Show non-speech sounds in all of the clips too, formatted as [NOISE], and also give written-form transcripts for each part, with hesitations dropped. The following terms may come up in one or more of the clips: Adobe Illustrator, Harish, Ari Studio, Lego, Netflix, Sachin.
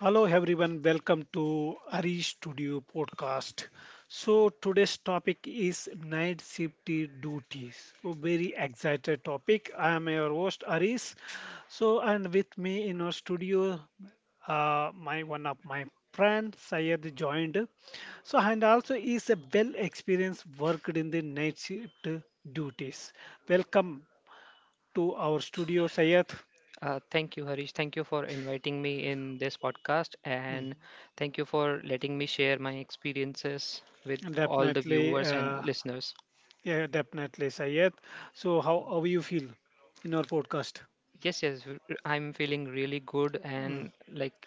Hello, everyone. Welcome to Ari Studio podcast. So today's topic is night shift duties. A very excited topic. I am your host, Aris. So and with me in our studio, my one of my friend Syed joined. So and also is a well experienced worked in the night shift duties. Welcome to our studio, Syed. Thank you, Harish. Thank you for inviting me in this podcast, and Mhm. thank you for letting me share my experiences with all the Definitely. viewers and listeners. Yeah, definitely, Sayed. So, how you feel in our podcast? Yes, yes, I'm feeling really good, and like,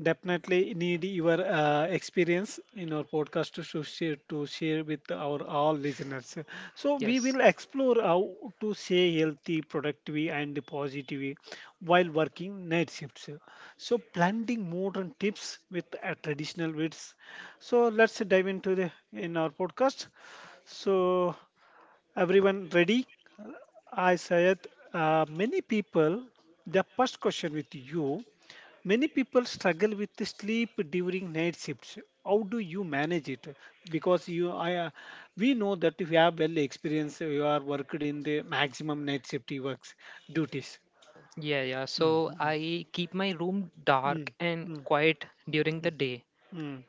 Definitely need your experience in our podcast to share with our all listeners. So we yes, will explore how to stay healthy, productive, and positive while working night shifts. So blending modern tips with traditional wits. So let's dive into the in our podcast. So everyone ready? I said, many people, the first question with you, many people struggle with the sleep during night shifts. How do you manage it? Because you, I, we know that if you have well experience, you are worked in the maximum night shift works duties. yeah, yeah. Mm, So mm, I keep my room dark mm, and quiet during the day. mm,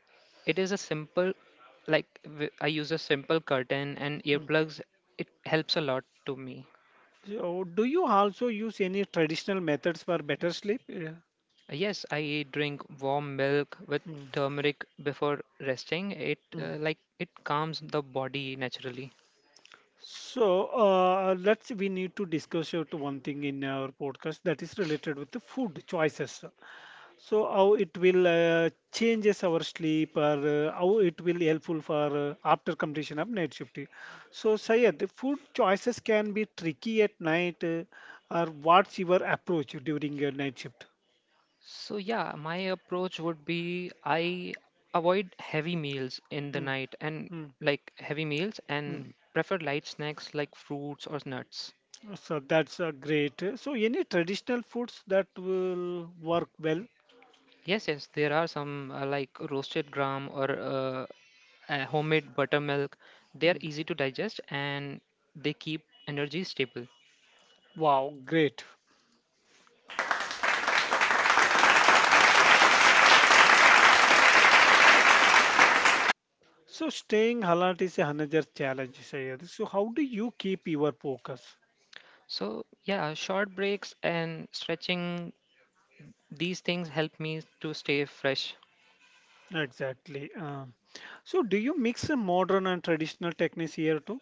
It is a simple, like, w- I use a simple curtain and mm. earplugs. It helps a lot to me. So, do you also use any traditional methods for better sleep? Yeah. Yes, I drink warm milk with Mm, turmeric before resting. It mm. uh, like it calms the body naturally. So let's we need to discuss out one thing in our podcast that is related with the food choices. So how it will changes our sleep or how it will helpful for after completion of night shift. So Sayed, the food choices can be tricky at night, or what's your approach during your night shift? So, yeah, my approach would be I avoid heavy meals in the Mm, night and mm, like heavy meals mm. and prefer light snacks like fruits or nuts. So that's great. So any traditional foods that will work well? Yes, yes, there are some like roasted gram or homemade buttermilk. They are Mm. easy to digest and they keep energy stable. Wow, great. So staying alert is another challenge, Sayed. So how do you keep your focus? So, yeah, short breaks and stretching, these things help me to stay fresh. Exactly. So do you mix modern and traditional techniques here too?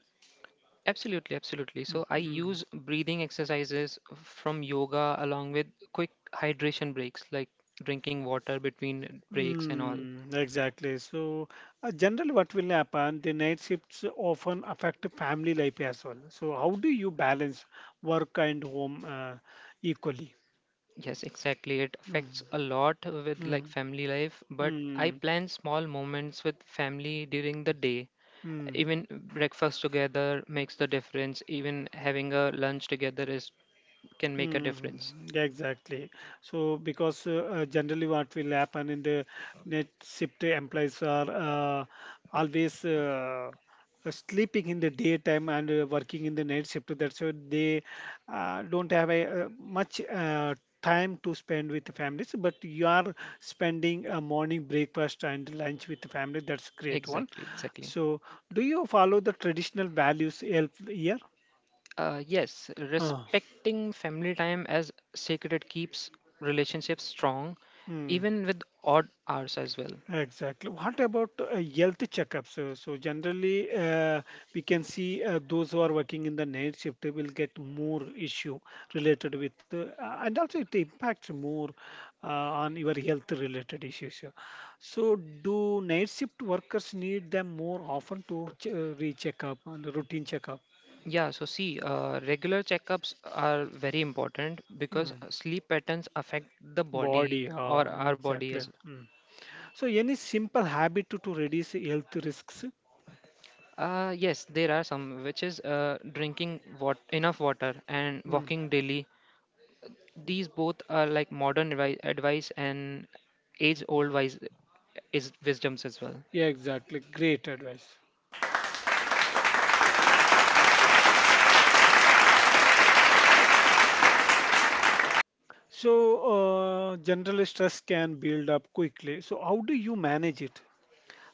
Absolutely, absolutely. So, I Mhm. use breathing exercises from yoga along with quick hydration breaks, like drinking water between breaks and all. Mm, exactly. So, generally, what will happen? The night shifts often affect family life as well. So how do you balance work and home equally? Yes, exactly. It affects Mm, a lot with like mm, family life, but I mm, plan small moments with family during the day. mm. Even breakfast together makes the difference. Even having a lunch together is can make a difference. Mm, exactly. So, because generally what will happen in the net shift employees are always sleeping in the daytime and working in the night shift. That's why they don't have a, much time to spend with the families. But you are spending a morning breakfast and lunch with the family. That's great one. Exactly, exactly. So, do you follow the traditional values help here? Yes, respecting family time as sacred keeps relationships strong, Uh, even with odd hours as well. Exactly. What about health checkups? So, so generally, we can see those who are working in the night shift will get more issue related with, and also it impacts more uh, on your health related issues. Yeah. So, do night shift workers need them more often to recheck up on the routine checkup? Yeah, so see, regular checkups are very important because Hmm. Sleep patterns affect the body Body, or our body exactly. as well. Hmm. So, any simple habit to reduce health risks? Yes, there are some, which is drinking enough water and Hmm. walking daily. These both are like modern advice and age-old wise is wisdoms as well. Yeah, exactly. Great advice. So, general stress can build up quickly. So how do you manage it?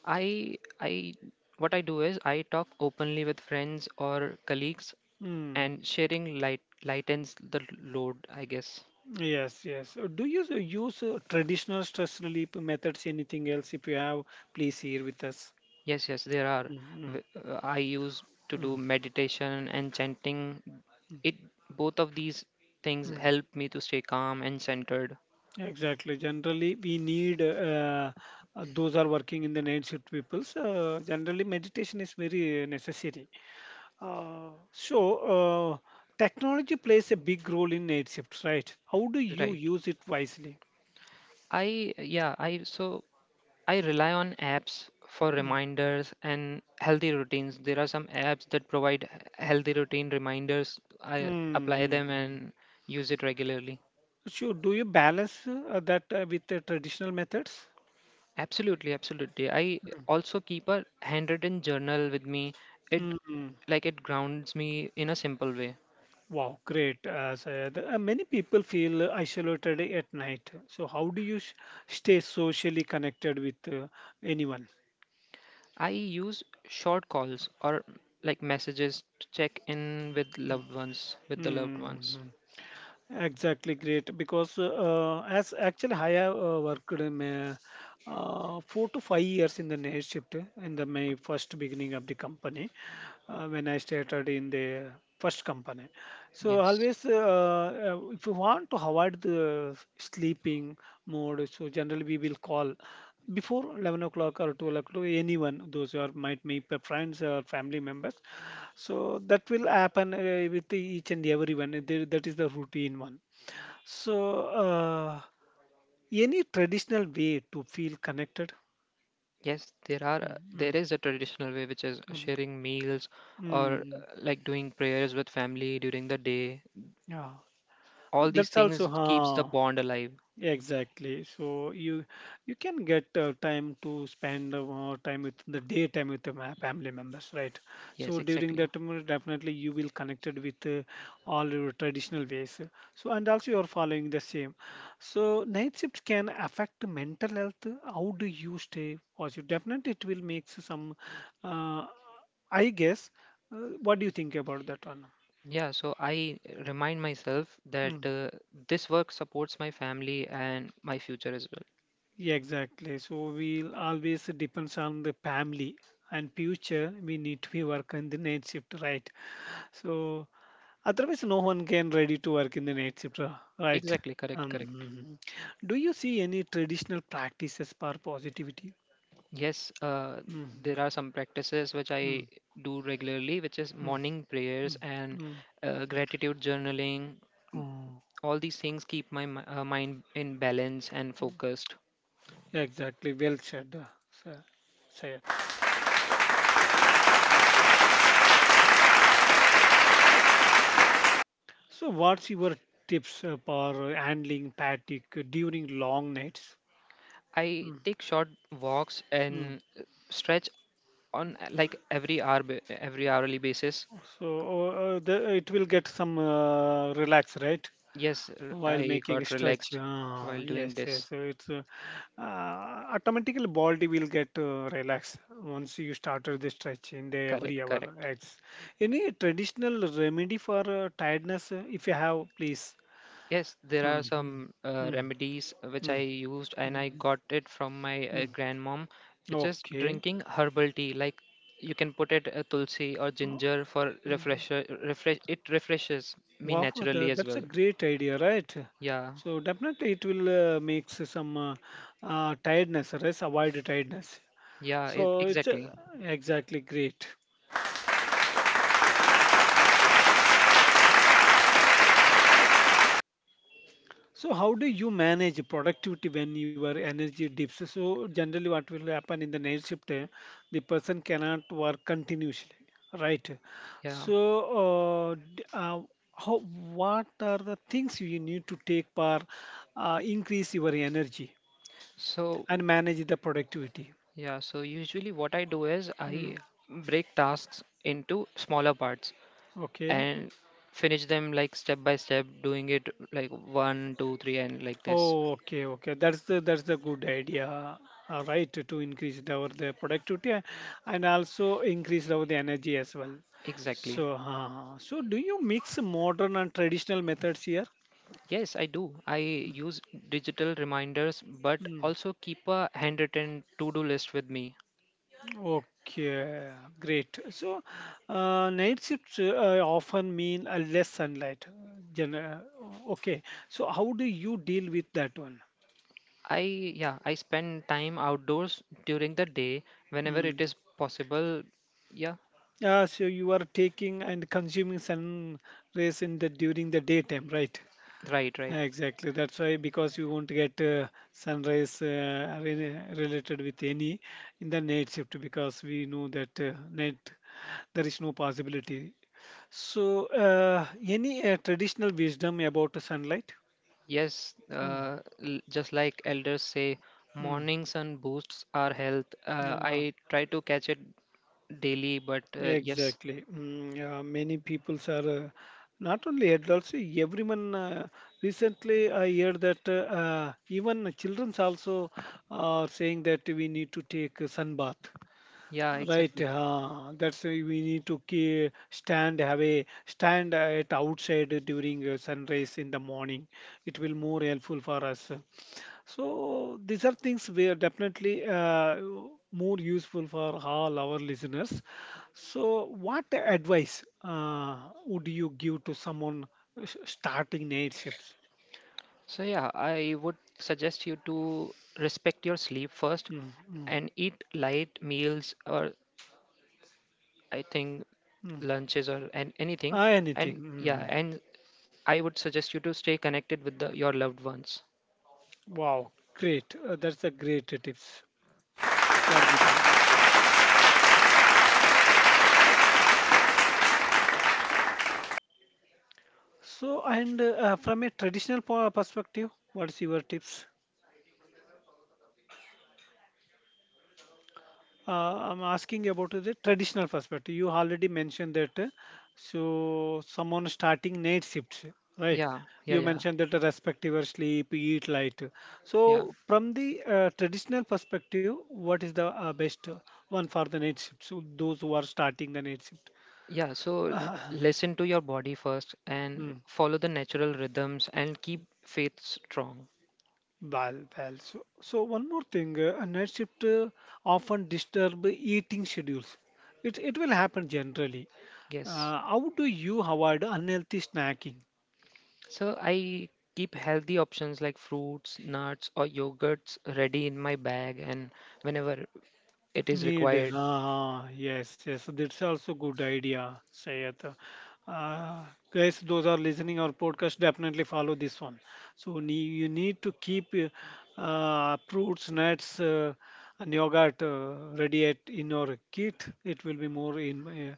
I what I do is I talk openly with friends or colleagues, Mm. and sharing lightens the load, I guess. Yes, yes. Do you use traditional stress relief methods? Anything else? If you have, please share with us. Yes, yes, there are. Mm, mm, I used to do mm, meditation and chanting. It Both of these things mm. help me to stay calm and centered. Exactly. Generally, we need those are working in the night shift peoples. Generally, meditation is very necessary. So, technology plays a big role in night shifts, right? How do you Right. use it wisely? I yeah, I so I rely on apps for Hmm. reminders and healthy routines. There are some apps that provide healthy routine reminders. I apply Mm. them and use it regularly. So, do you balance that with the traditional methods? Absolutely, absolutely. I Mm. also keep a handwritten journal with me. It Mm. it grounds me in a simple way. Wow, great. Syed. Many people feel isolated at night. So how do you sh stay socially connected with anyone? I use short calls or like messages to check in with loved ones, with the loved ones. Mm. Exactly, great. Because as actually, I have worked in my, 4 to 5 years in the night shift in the my first beginning of the company when I started in the first company. So Yes. always, if you want to avoid the sleeping mode, so generally we will call before 11 o'clock or 12 o'clock anyone those who are might be friends or family members so that will happen with each and everyone. That is the routine one so, any traditional way to feel connected? Yes, there are uh, Mm, there mm, is a traditional way which is mm, sharing meals or mm. like doing prayers with family during the day. Yeah, All these that's also, things keeps the huh? bond alive. Exactly. So you can get time to spend more time with the daytime with the family members, right? Yes, So during exactly. that time, definitely you will connected with all your traditional ways. So and also you are following the same. So night shift can affect mental health. How do you stay positive? Definitely it will make some. Uh, I guess. What do you think about that one? Yeah, so I remind myself that Hmm. This work supports my family and my future as well. Yeah, exactly. So we always depends on the family and future. We need to be work in the night shift, right? So otherwise, no one can ready to work in the night shift, right? Exactly, correct, correct. Um, do you see any traditional practices for positivity? Yes, there Hmm. are some practices which I Mm, do regularly, which is mm, morning prayers mm, and mm. Gratitude journaling. Oh, All these things keep my mind in balance and focused. exactly. Well said, sir. Said. So, what's your tips for handling fatigue during long nights? I take short walks Mm, and stretch on like every hourly basis. so the, it will get some relax, right? Yes, While I making got stretch. relaxed Ah, while doing yes, yes. this. So it's automatically body will get relaxed once you started the stretch in the Correct, every hour. correct. It's any traditional remedy for tiredness, if you have, please. Yes, there are Mm-hmm. some Mm-hmm. remedies which I used and I Mm-hmm. got it from my Mm-hmm. grandmom, which is Okay. drinking herbal tea. Like you can put it tulsi or ginger for refresher. Refresh it refreshes me Wow, naturally as that's a well. great idea, right? Yeah, So definitely it will make some tiredness, right? Avoid tiredness. yeah, So it's exactly. exactly great. So how do you manage productivity when your energy dips? So generally what will happen in the night shift, the person cannot work continuously, right? Yeah. So uh, d- uh, how, what are the things you need to take for increase your energy So, and manage the productivity? yeah, so usually what I do is Hmm. I break tasks into smaller parts Okay. and finish them like step by step, doing it like one, two, three, and like this. Oh, okay, okay. That's the good idea, right? To increase our the productivity and also increase our the energy as well. Exactly. So, so do you mix modern and traditional methods here? Yes, I do. I use digital reminders, but Mm, also keep a handwritten to-do list with me. okay, great. So, night shifts often mean less sunlight. Gen- uh, okay, so how do you deal with that one? Yeah, I spend time outdoors during the day whenever Hmm. it is possible. Yeah, Yeah, so you are taking and consuming sun rays in the during the daytime, right? right, right. Exactly. That's why because you won't get sun rays related with any in the night shift because we know that night there is no possibility. So, any traditional wisdom about sunlight? Yes, Mm. Just like elders say, Mm. morning sun boosts our health. Yeah. I try to catch it daily, but yes, Exactly. Mm, yeah, many peoples are not only adults, everyone. Recently, I heard that even children also are saying that we need to take a sunbath. yeah, Right, exactly. That's why we need to stand, have a stand at outside during sunrise in the morning. It will more helpful for us. So these are things we are definitely more useful for all our listeners. So what advice would you give to someone starting night shifts? So, yeah, I would suggest you to respect your sleep first Mm, mm, and eat light meals or I think mm. lunches or and anything. Ah, anything. And Mm, yeah, mm. and I would suggest you to stay connected with your loved ones. Wow, great. That's a great tips for beginning. So and from a traditional perspective, what's your tips? Uh, I'm asking about the traditional perspective. You already mentioned that. So someone starting night shifts, right? Yeah, yeah, You yeah, mentioned that respect respective sleep, eat light. yeah. So from the traditional perspective, what is the best one for the night shift? So those who are starting the night shift. Yeah, so [COUGHS] [CLEARS THROAT] listen to your body first and Mm, follow the natural rhythms and keep faith strong. well, well. So, so one more thing, a night shift often disturb eating schedules. It will happen generally. Yes. How do you avoid unhealthy snacking? So I keep healthy options like fruits, nuts, or yogurts ready in my bag and whenever it is Need. required. Ah, yes, yes. That's also good idea, Sayed. Uh, Guys, those are listening our podcast, definitely follow this one. So you need to keep fruits, nuts, and yogurt ready at, in your kit. It will be more in, uh,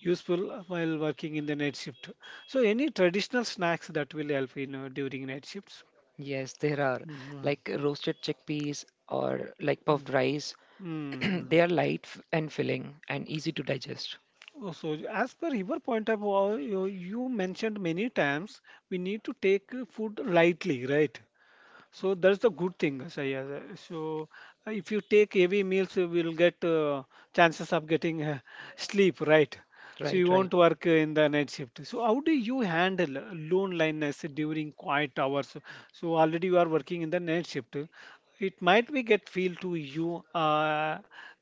useful while working in the night shift. So any traditional snacks that will help in during night shifts. Yes, [LAUGHS] there are Hmm. like roasted chickpeas or like puffed Mm-hmm. rice. [CLEARS THROAT] Mm-hmm. They are light and filling and easy to digest. Oh, so as per your point of all, you mentioned many times, we need to take food lightly, right? So that's the good thing, Sayyad. So if you take heavy meals, you will get chances of getting [LAUGHS] sleep, right? So Right, you right. won't work in the night shift. So how do you handle loneliness during quiet hours? So already you are working in the night shift. It might be get feel to you,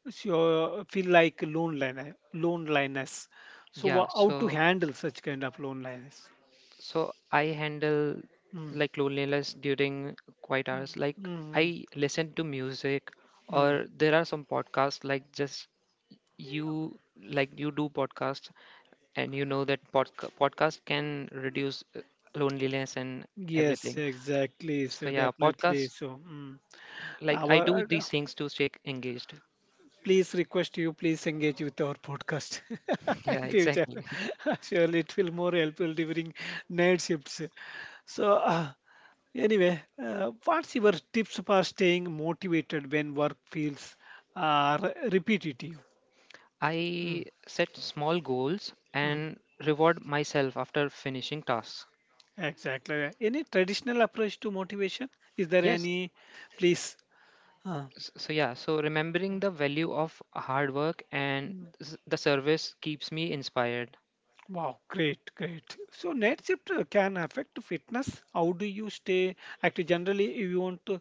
so feel like loneliness. Loneliness. So Yeah, how to so. handle such kind of loneliness? So I handle Mm, like loneliness during quiet hours. Like mm, I listen to music mm. or there are some podcasts like just you like you do podcasts, and you know that podcast can reduce loneliness and Yes, everything. exactly. So So yeah, definitely. podcasts. So mm, Like I do our these things to stay engaged. [LAUGHS] please request you please engage with our podcast [LAUGHS] Yeah, in future. exactly. [LAUGHS] Surely it will more helpful during night shifts. So anyway, what's your tips for staying motivated when work feels repetitive? Mm, I set small goals mm, and reward myself after finishing tasks. exactly. Any traditional approach to motivation? Is there Yes, any? Please. Uh, so, yeah, remembering the value of hard work and the service keeps me inspired. wow, great, great. So night shift can affect fitness. How do you stay active? Generally, you want to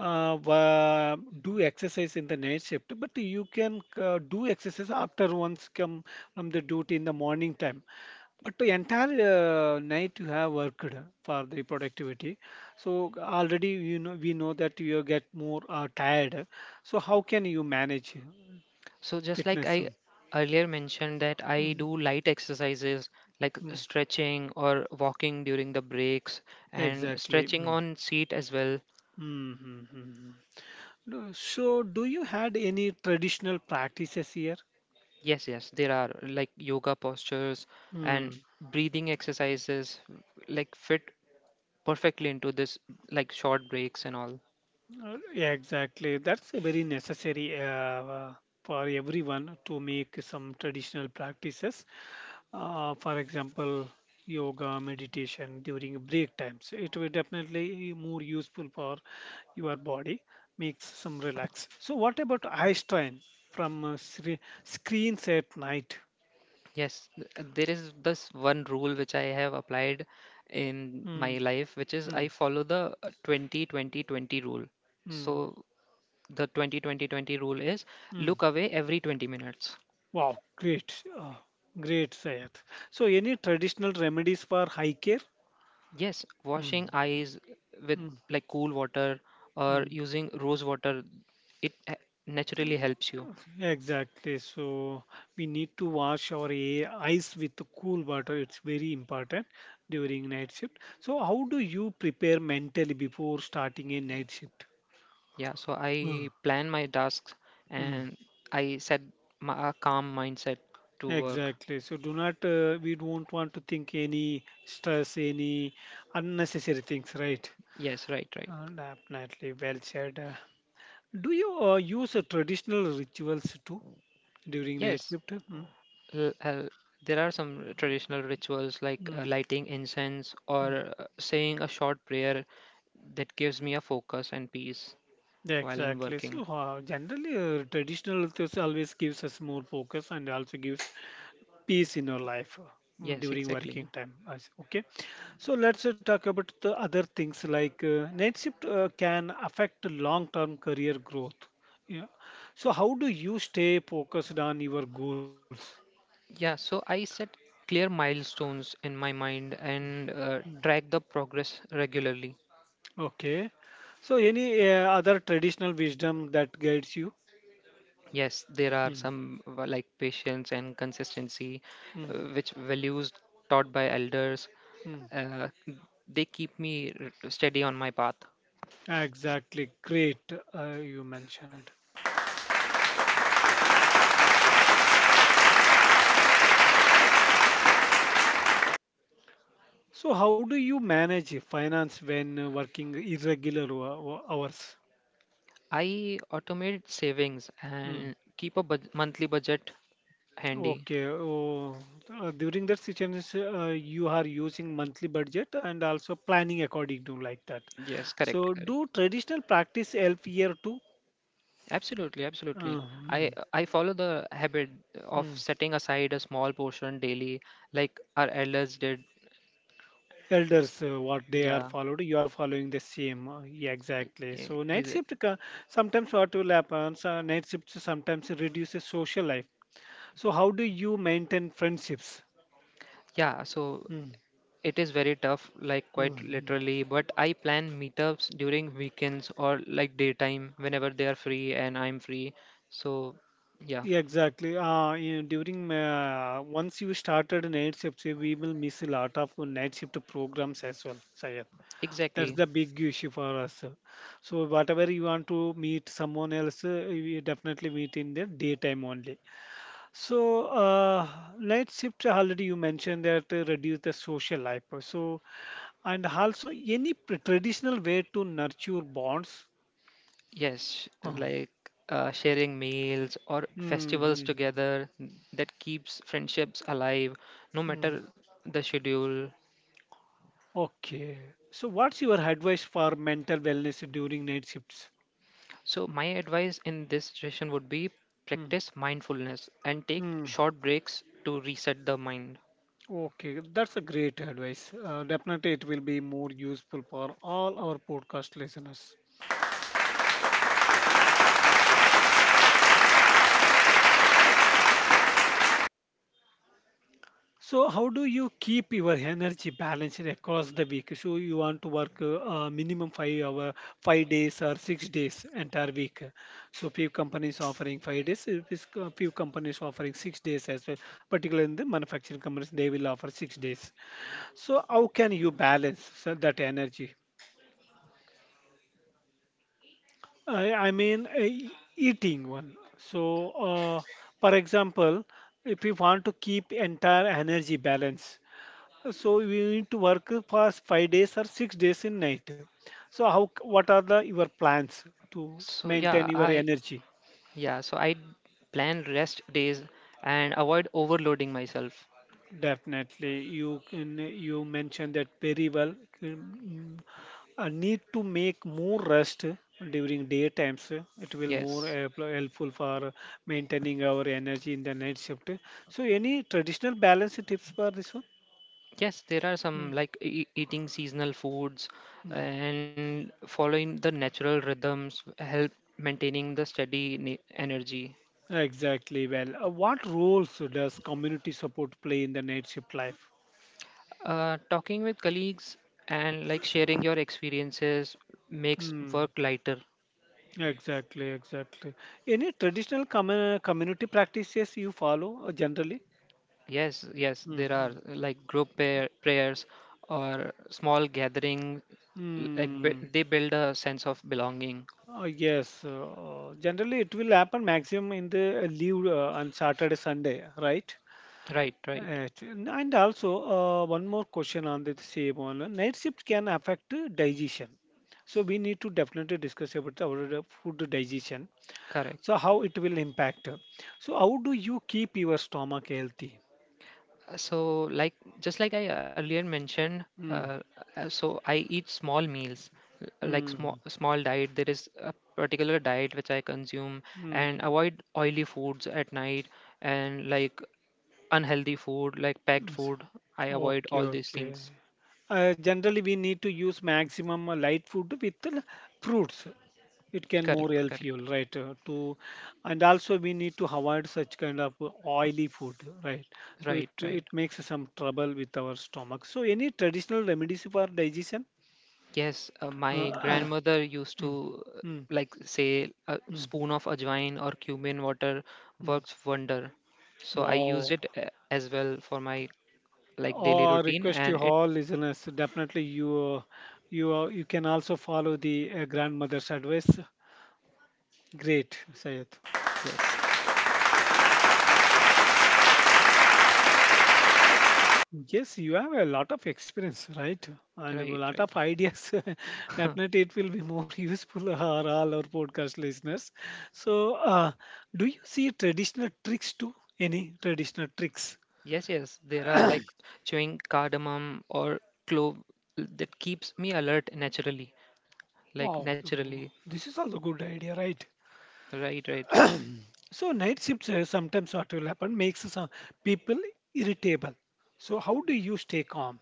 do exercise in the night shift, but you can do exercise after once come from the duty in the morning time. But the entire night you have worked for the productivity. So already you know we know that you get more tired. So how can you manage So just like fitness? I earlier mentioned that I Mm, do light exercises like mm, stretching or walking during the breaks and exactly. stretching Hmm. on seat as well. Mm-hmm. So, do you had any traditional practices here? Yes, yes, there are like yoga postures Hmm. and breathing exercises like fit perfectly into this like short breaks and all. Yeah, exactly. That's a very necessary for everyone to make some traditional practices. For example, yoga, meditation during break times. It will definitely more useful for your body, makes some relax. So, what about eye strain from screens at night? Yes, there is this one rule which I have applied in Hmm. my life, which is Hmm. I follow the 20-20-20 rule. Hmm. So, the 20-20-20 rule is Hmm. look away every 20 minutes. Wow, great, great, Sayed. So, any traditional remedies for high care? Yes, washing Mm, eyes with mm, like cool water or mm. using rose water, it naturally helps you. Exactly. So we need to wash our eyes with the cool water. It's very important during night shift. So how do you prepare mentally before starting a night shift? Yeah, so I Mm. plan my tasks Mm. and I set a calm mindset to work. Exactly. So do not we don't want to think any stress, any unnecessary things, right? Yes, right, right. Definitely well said. Do you use traditional rituals too during night Yes, shift? Mm, l- uh, there are some traditional rituals like mm, lighting incense mm. or saying a short prayer that gives me a focus and peace Yeah, while I'm exactly. So working. Generally, traditional rituals always gives us more focus and also gives peace in our life Yes, during exactly. working time. Okay. So let's talk about the other things like night shift can affect long-term career growth. Yeah. So how do you stay focused on your goals? Yeah, so I set clear milestones in my mind and Hmm. Track the progress regularly. Okay. So, any other traditional wisdom that guides you? Yes, there are Mm, some like patience and consistency, mm, which values taught by elders. mm. Uh, they keep me steady on my path. Exactly. Great, you mentioned. So, how do you manage finance when working irregular hours? I automate savings Mm. and keep a monthly budget handy. Okay. Oh, during that situation, you are using monthly budget and also planning according to like that. Yes, correct, So, correct. do traditional practice help here too? Absolutely, Uh, absolutely. I mm, I follow the habit of mm. setting aside a small portion daily, like our elders did. Elders what they are Yeah, followed you are following the same yeah, exactly. yeah, So night is shift sometimes what will happen, so night shift sometimes reduces social life. So how do you maintain friendships? yeah. So Mm, it is very tough, like mm, quite mm. literally. But I plan meetups during weekends or like daytime whenever they are free and I'm free. So yeah, Yeah, exactly. You know, during once you started night shift, so we will miss a lot of night shift programs as well, Sayed. That's exactly. the big issue for us. So whatever you want to meet someone else, you definitely meet in the daytime only. So let's shift. Already you mentioned that reduce the social life. So and also any traditional way to nurture bonds. Yes, Oh. like sharing meals or festivals Mm-hmm. together that keeps friendships alive no Mm. matter the schedule. Okay. So what's your advice for mental wellness during night shifts? So, my advice in this situation would be Mm. practice mindfulness and take Hmm. short breaks to reset the mind. Okay, that's a great advice. Definitely, it will be more useful for all our podcast listeners. So, how do you keep your energy balanced across the week? So, you want to work minimum 5 hour, 5 days or 6 days entire week. So, few companies offering 5 days, few companies offering 6 days as well. Particularly in the manufacturing companies, they will offer 6 days. So, how can you balance so, that energy? I mean, eating one. So, for example, if you want to keep entire energy balance, so we need to work for 5 days or 6 days in night. So how? What are the your plans to So, maintain yeah, your energy? So I plan rest days and avoid overloading myself. Definitely, you can. You mentioned that very well. Mm, I need to make more rest during day times. It will more Yes. Helpful for maintaining our energy in the night shift. So any traditional balance tips for this one? Yes, there are some Mm. like eating seasonal foods and following the natural rhythms help maintaining the steady energy. Exactly. Well, what roles does community support play in the night shift life? Talking with colleagues and like sharing your experiences makes Hmm. work lighter. Exactly. Exactly. Any traditional community practices you follow generally? Yes, yes, there are Mm-hmm. like group prayers or small gathering like Hmm. they build a sense of belonging. Yes. Generally, it will happen maximum in the leave on Saturday, Sunday, right? Right, right. Right. And also, one more question on the same one. Night shift can affect digestion. So we need to definitely discuss about our food digestion. Correct. So how it will impact? So how do you keep your stomach healthy? So, like just like I earlier mentioned, uh, Mm, so I eat small meals, like small mm, small diet, there is a particular diet which I consume and mm. avoid oily foods at night and like unhealthy food like packed Yes. food I avoid Okay, all these okay. things. Generally, we need to use maximum light food with fruits. It can Correct, more help correct. fuel, right? To and also we need to avoid such kind of oily food, right? So it Right, right. it makes some trouble with our stomach. So any traditional remedies for digestion? Yes, my Uh, grandmother used [CLEARS THROAT] mm, to mm, like say a mm, spoon of ajwain or cumin water mm. works wonder. So I used Wow. it as well for my like daily Or routine request and to it. all listeners, definitely you you you can also follow the grandmother's advice. Great, Sayed. Yes, Yes, you have a lot of experience, right? And a right, lot of ideas. [LAUGHS] right. Definitely it will be more [LAUGHS] useful for all our podcast listeners. So do you see traditional tricks too, any traditional tricks? [LAUGHS] Yes, yes, there are like chewing cardamom or clove that keeps me alert naturally like Wow. Wow, naturally this is also good idea, right? Right, right. So night shifts sometimes what will happen makes some people irritable. So how do you stay calm?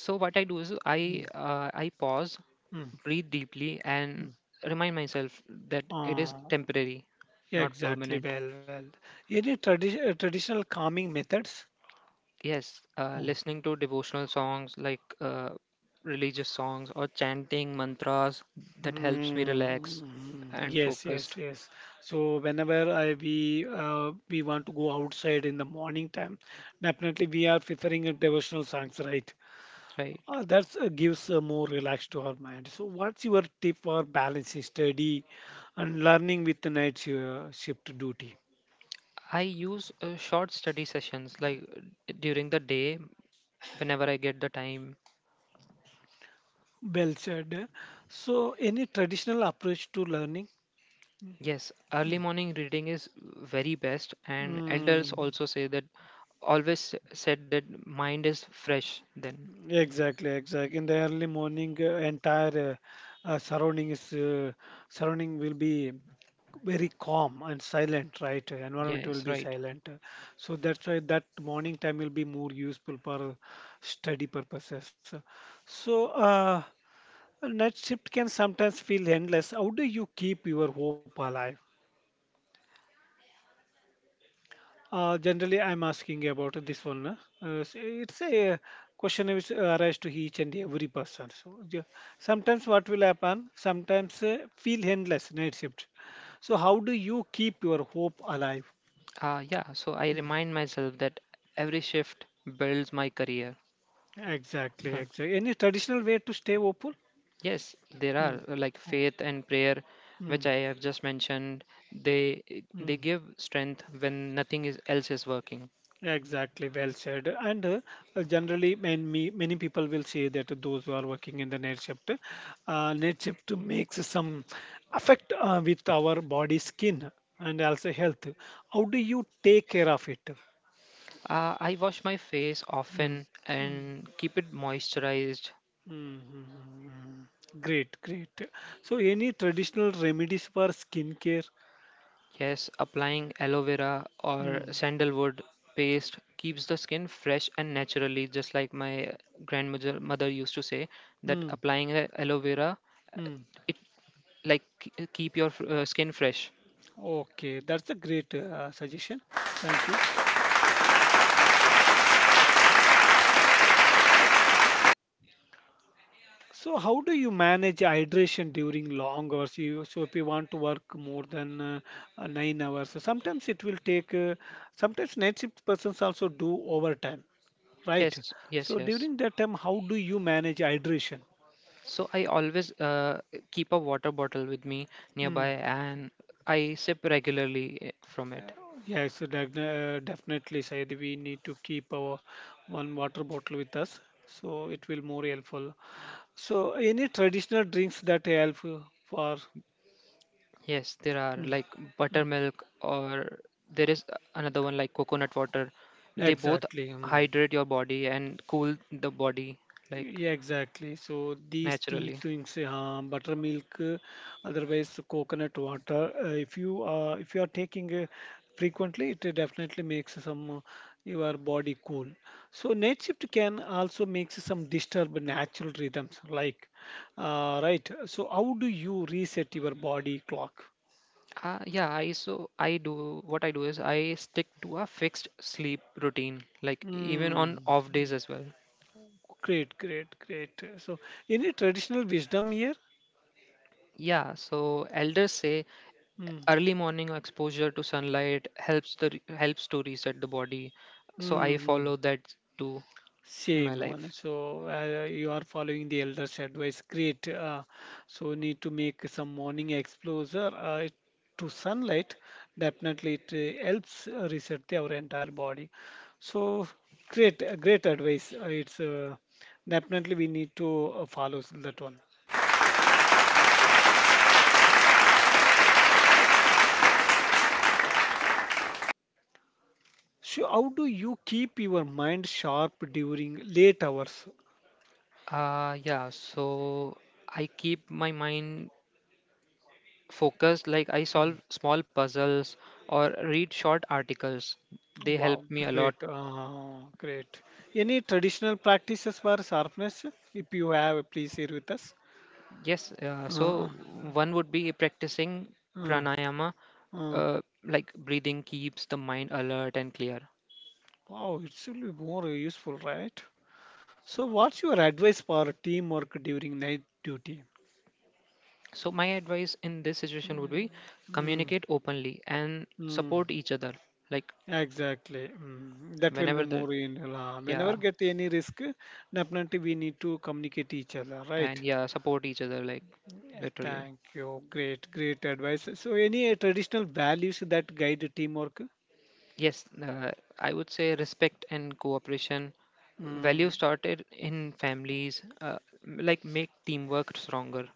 So what I do is i Mm, uh, i pause, mm. breathe deeply, and Mm. remind myself that it Uh, is temporary, yeah, not exactly. permanent. Well, well. Any traditional calming methods? Yes, Mm, listening to devotional songs like religious songs or chanting mantras that helps me relax mm, and yes, focused, yes, yes. So whenever I we want to go outside in the morning time, definitely we are preferring a devotional songs, right? right? That gives a more relaxed to our mind. So, what's your tip for balancing study and learning with the shift duty? I use short study sessions like during the day whenever I get the time. Well said. So, any traditional approach to learning? Yes, early morning reading is very best, and elders Mm, also say that always said that mind is fresh then. exactly, exactly. In the early morning, entire surrounding is surrounding will be very calm and silent, right? Environment will Yes, be right. silent. So that's why that morning time will be more useful for study purposes. So night shift can sometimes feel endless. How do you keep your hope alive? Generally, I'm asking about this one. It's a question which arises to each and every person. So sometimes what will happen? Sometimes feel endless night shift. So how do you keep your hope alive? Yeah, so I Mm. remind myself that every shift builds my career. Exactly, Hmm. exactly. Any traditional way to stay hopeful? Yes, there are Mm. Like faith and prayer, Mm. which I have just mentioned. They they Mm. give strength when nothing else is working. Exactly, well said. And generally, many people will say that those who are working in the night shift makes some effect with our body, skin, and also health. How do you take care of it? I wash my face Mm, often and keep it moisturized. mm, mm, mm, mm. Great, great. So, any traditional remedies for skincare? Yes, applying aloe vera or Mm, sandalwood paste keeps the skin fresh and naturally, just like my grandmother mother used to say that mm, applying aloe vera, mm. it like keep your skin fresh. Okay, that's a great suggestion. Thank you. So how do you manage hydration during long hours? You, so if you want to work more than 9 hours, so sometimes it will take. Sometimes night shift persons also do overtime, right? Yes, So yes, yes. during that time, how do you manage hydration? So I always keep a water bottle with me Hmm. nearby and I sip regularly from Uh, it. Yes, definitely, Syed. We need to keep our one water bottle with us, so it will more helpful. So any traditional drinks that help for? Yes, there are Hmm, like hmm. buttermilk or there is another one like coconut water. They both Exactly. Mm. hydrate your body and cool the body like Yeah, exactly. So these tea naturally. things, buttermilk, otherwise coconut water. If you if you are taking frequently, it definitely makes some your body cool. So night shift can also makes some disturb natural rhythms. Like, right. So how do you reset your body clock? Yeah, I so I do what I do is I stick to a fixed sleep routine like even Hmm. on off days as well. Great, great, great. So any traditional wisdom here? Yeah, so elders say Hmm. early morning exposure to sunlight helps to reset the body, so Hmm. I Hmm. follow that too in my Same on. life. So you are following the elders' advice. Great. So need to make some morning exposure to sunlight. Definitely, it helps reset our entire body. So great, great advice. It's definitely we need to follow that one. So how do you keep your mind sharp during late hours? Yeah, so I keep my mind focused, like I Hmm. solve small puzzles or read short articles. They help Wow, me a great, lot. Great. Any traditional practices for sharpness? If you have, please share with us. Yes, so Uh, one would be practicing uh, pranayama, uh. Like breathing keeps the mind alert and clear. Wow, it's really more useful, right? So, what's your advice for teamwork during night duty? So my advice in this situation would be Mm, communicate openly and mm, support each other. Like exactly. Mm, that will be whenever the more in. Yeah Whenever get any risk, definitely we need to communicate each other, and right? yeah support each other, like, Yeah, literally. thank you. Great, great advice. So, any traditional values that guide teamwork? Yes, I would say respect and cooperation. Value Mm, started in families. Like make teamwork stronger.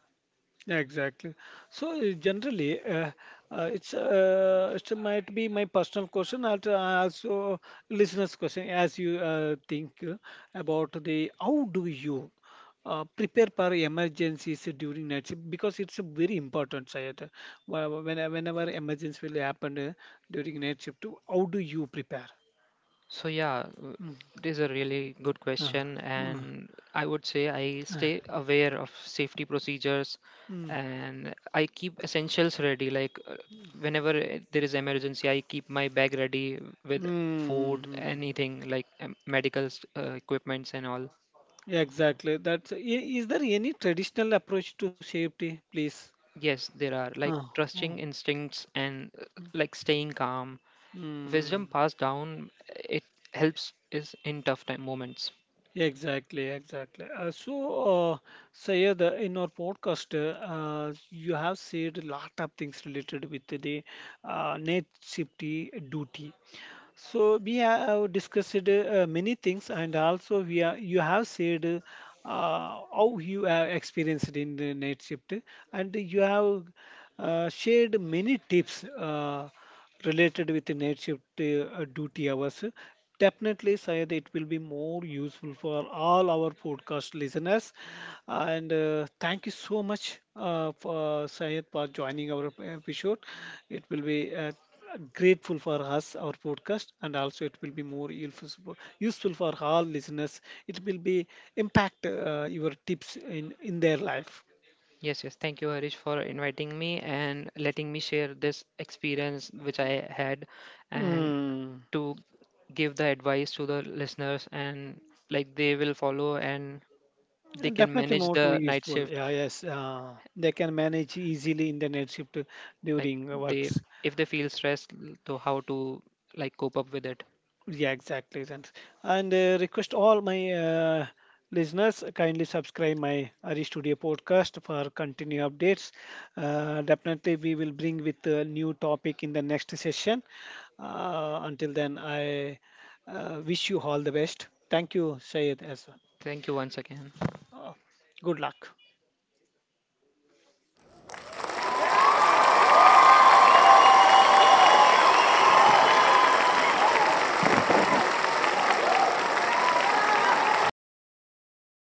exactly. So generally, it might be my personal question and also listeners' question. As you think about the how do you prepare for emergencies during night shift because it's a very important, Sayed. When whenever emergency will happen during night shift, how do you prepare? So yeah, Mm. it is a really good Uh, question, uh, and I would say I uh, stay aware of safety procedures, mm, and I keep essentials ready. Like whenever there is emergency, I keep my bag ready mm, with mm, food, mm. anything like medical equipments and all. Exactly. Is there any traditional approach to safety, please? Yes, there are like Oh, oh. trusting instincts and like staying calm. Wisdom Mm. passed down, it helps is in tough time moments. Exactly, exactly. So, uh, Sayed, in our podcast, you have said a lot of things related with the net safety duty. So we have discussed many things, and also we are you have said how you have experienced in the night shift, and you have shared many tips related with the night shift duty hours. Definitely, Syed, it will be more useful for all our podcast listeners. And thank you so much for Syed for joining our episode. It will be grateful for us our podcast, and also it will be more useful for all listeners. It will be impact your tips in their life. Yes, yes. Thank you, Harish, for inviting me and letting me share this experience which I had and Hmm. to give the advice to the listeners and like they will follow and they can Definitely manage more to the night useful. shift, Yeah, yes. They can manage easily in the night shift like during they, works. if they feel stressed, to how to like cope up with it. Yeah, exactly. Then. And request all my listeners kindly subscribe my Ari Studio podcast for continue updates. Definitely, we will bring with a new topic in the next session. Until then, I wish you all the best. Thank you, Sayed, as well. Thank you once again. Good luck.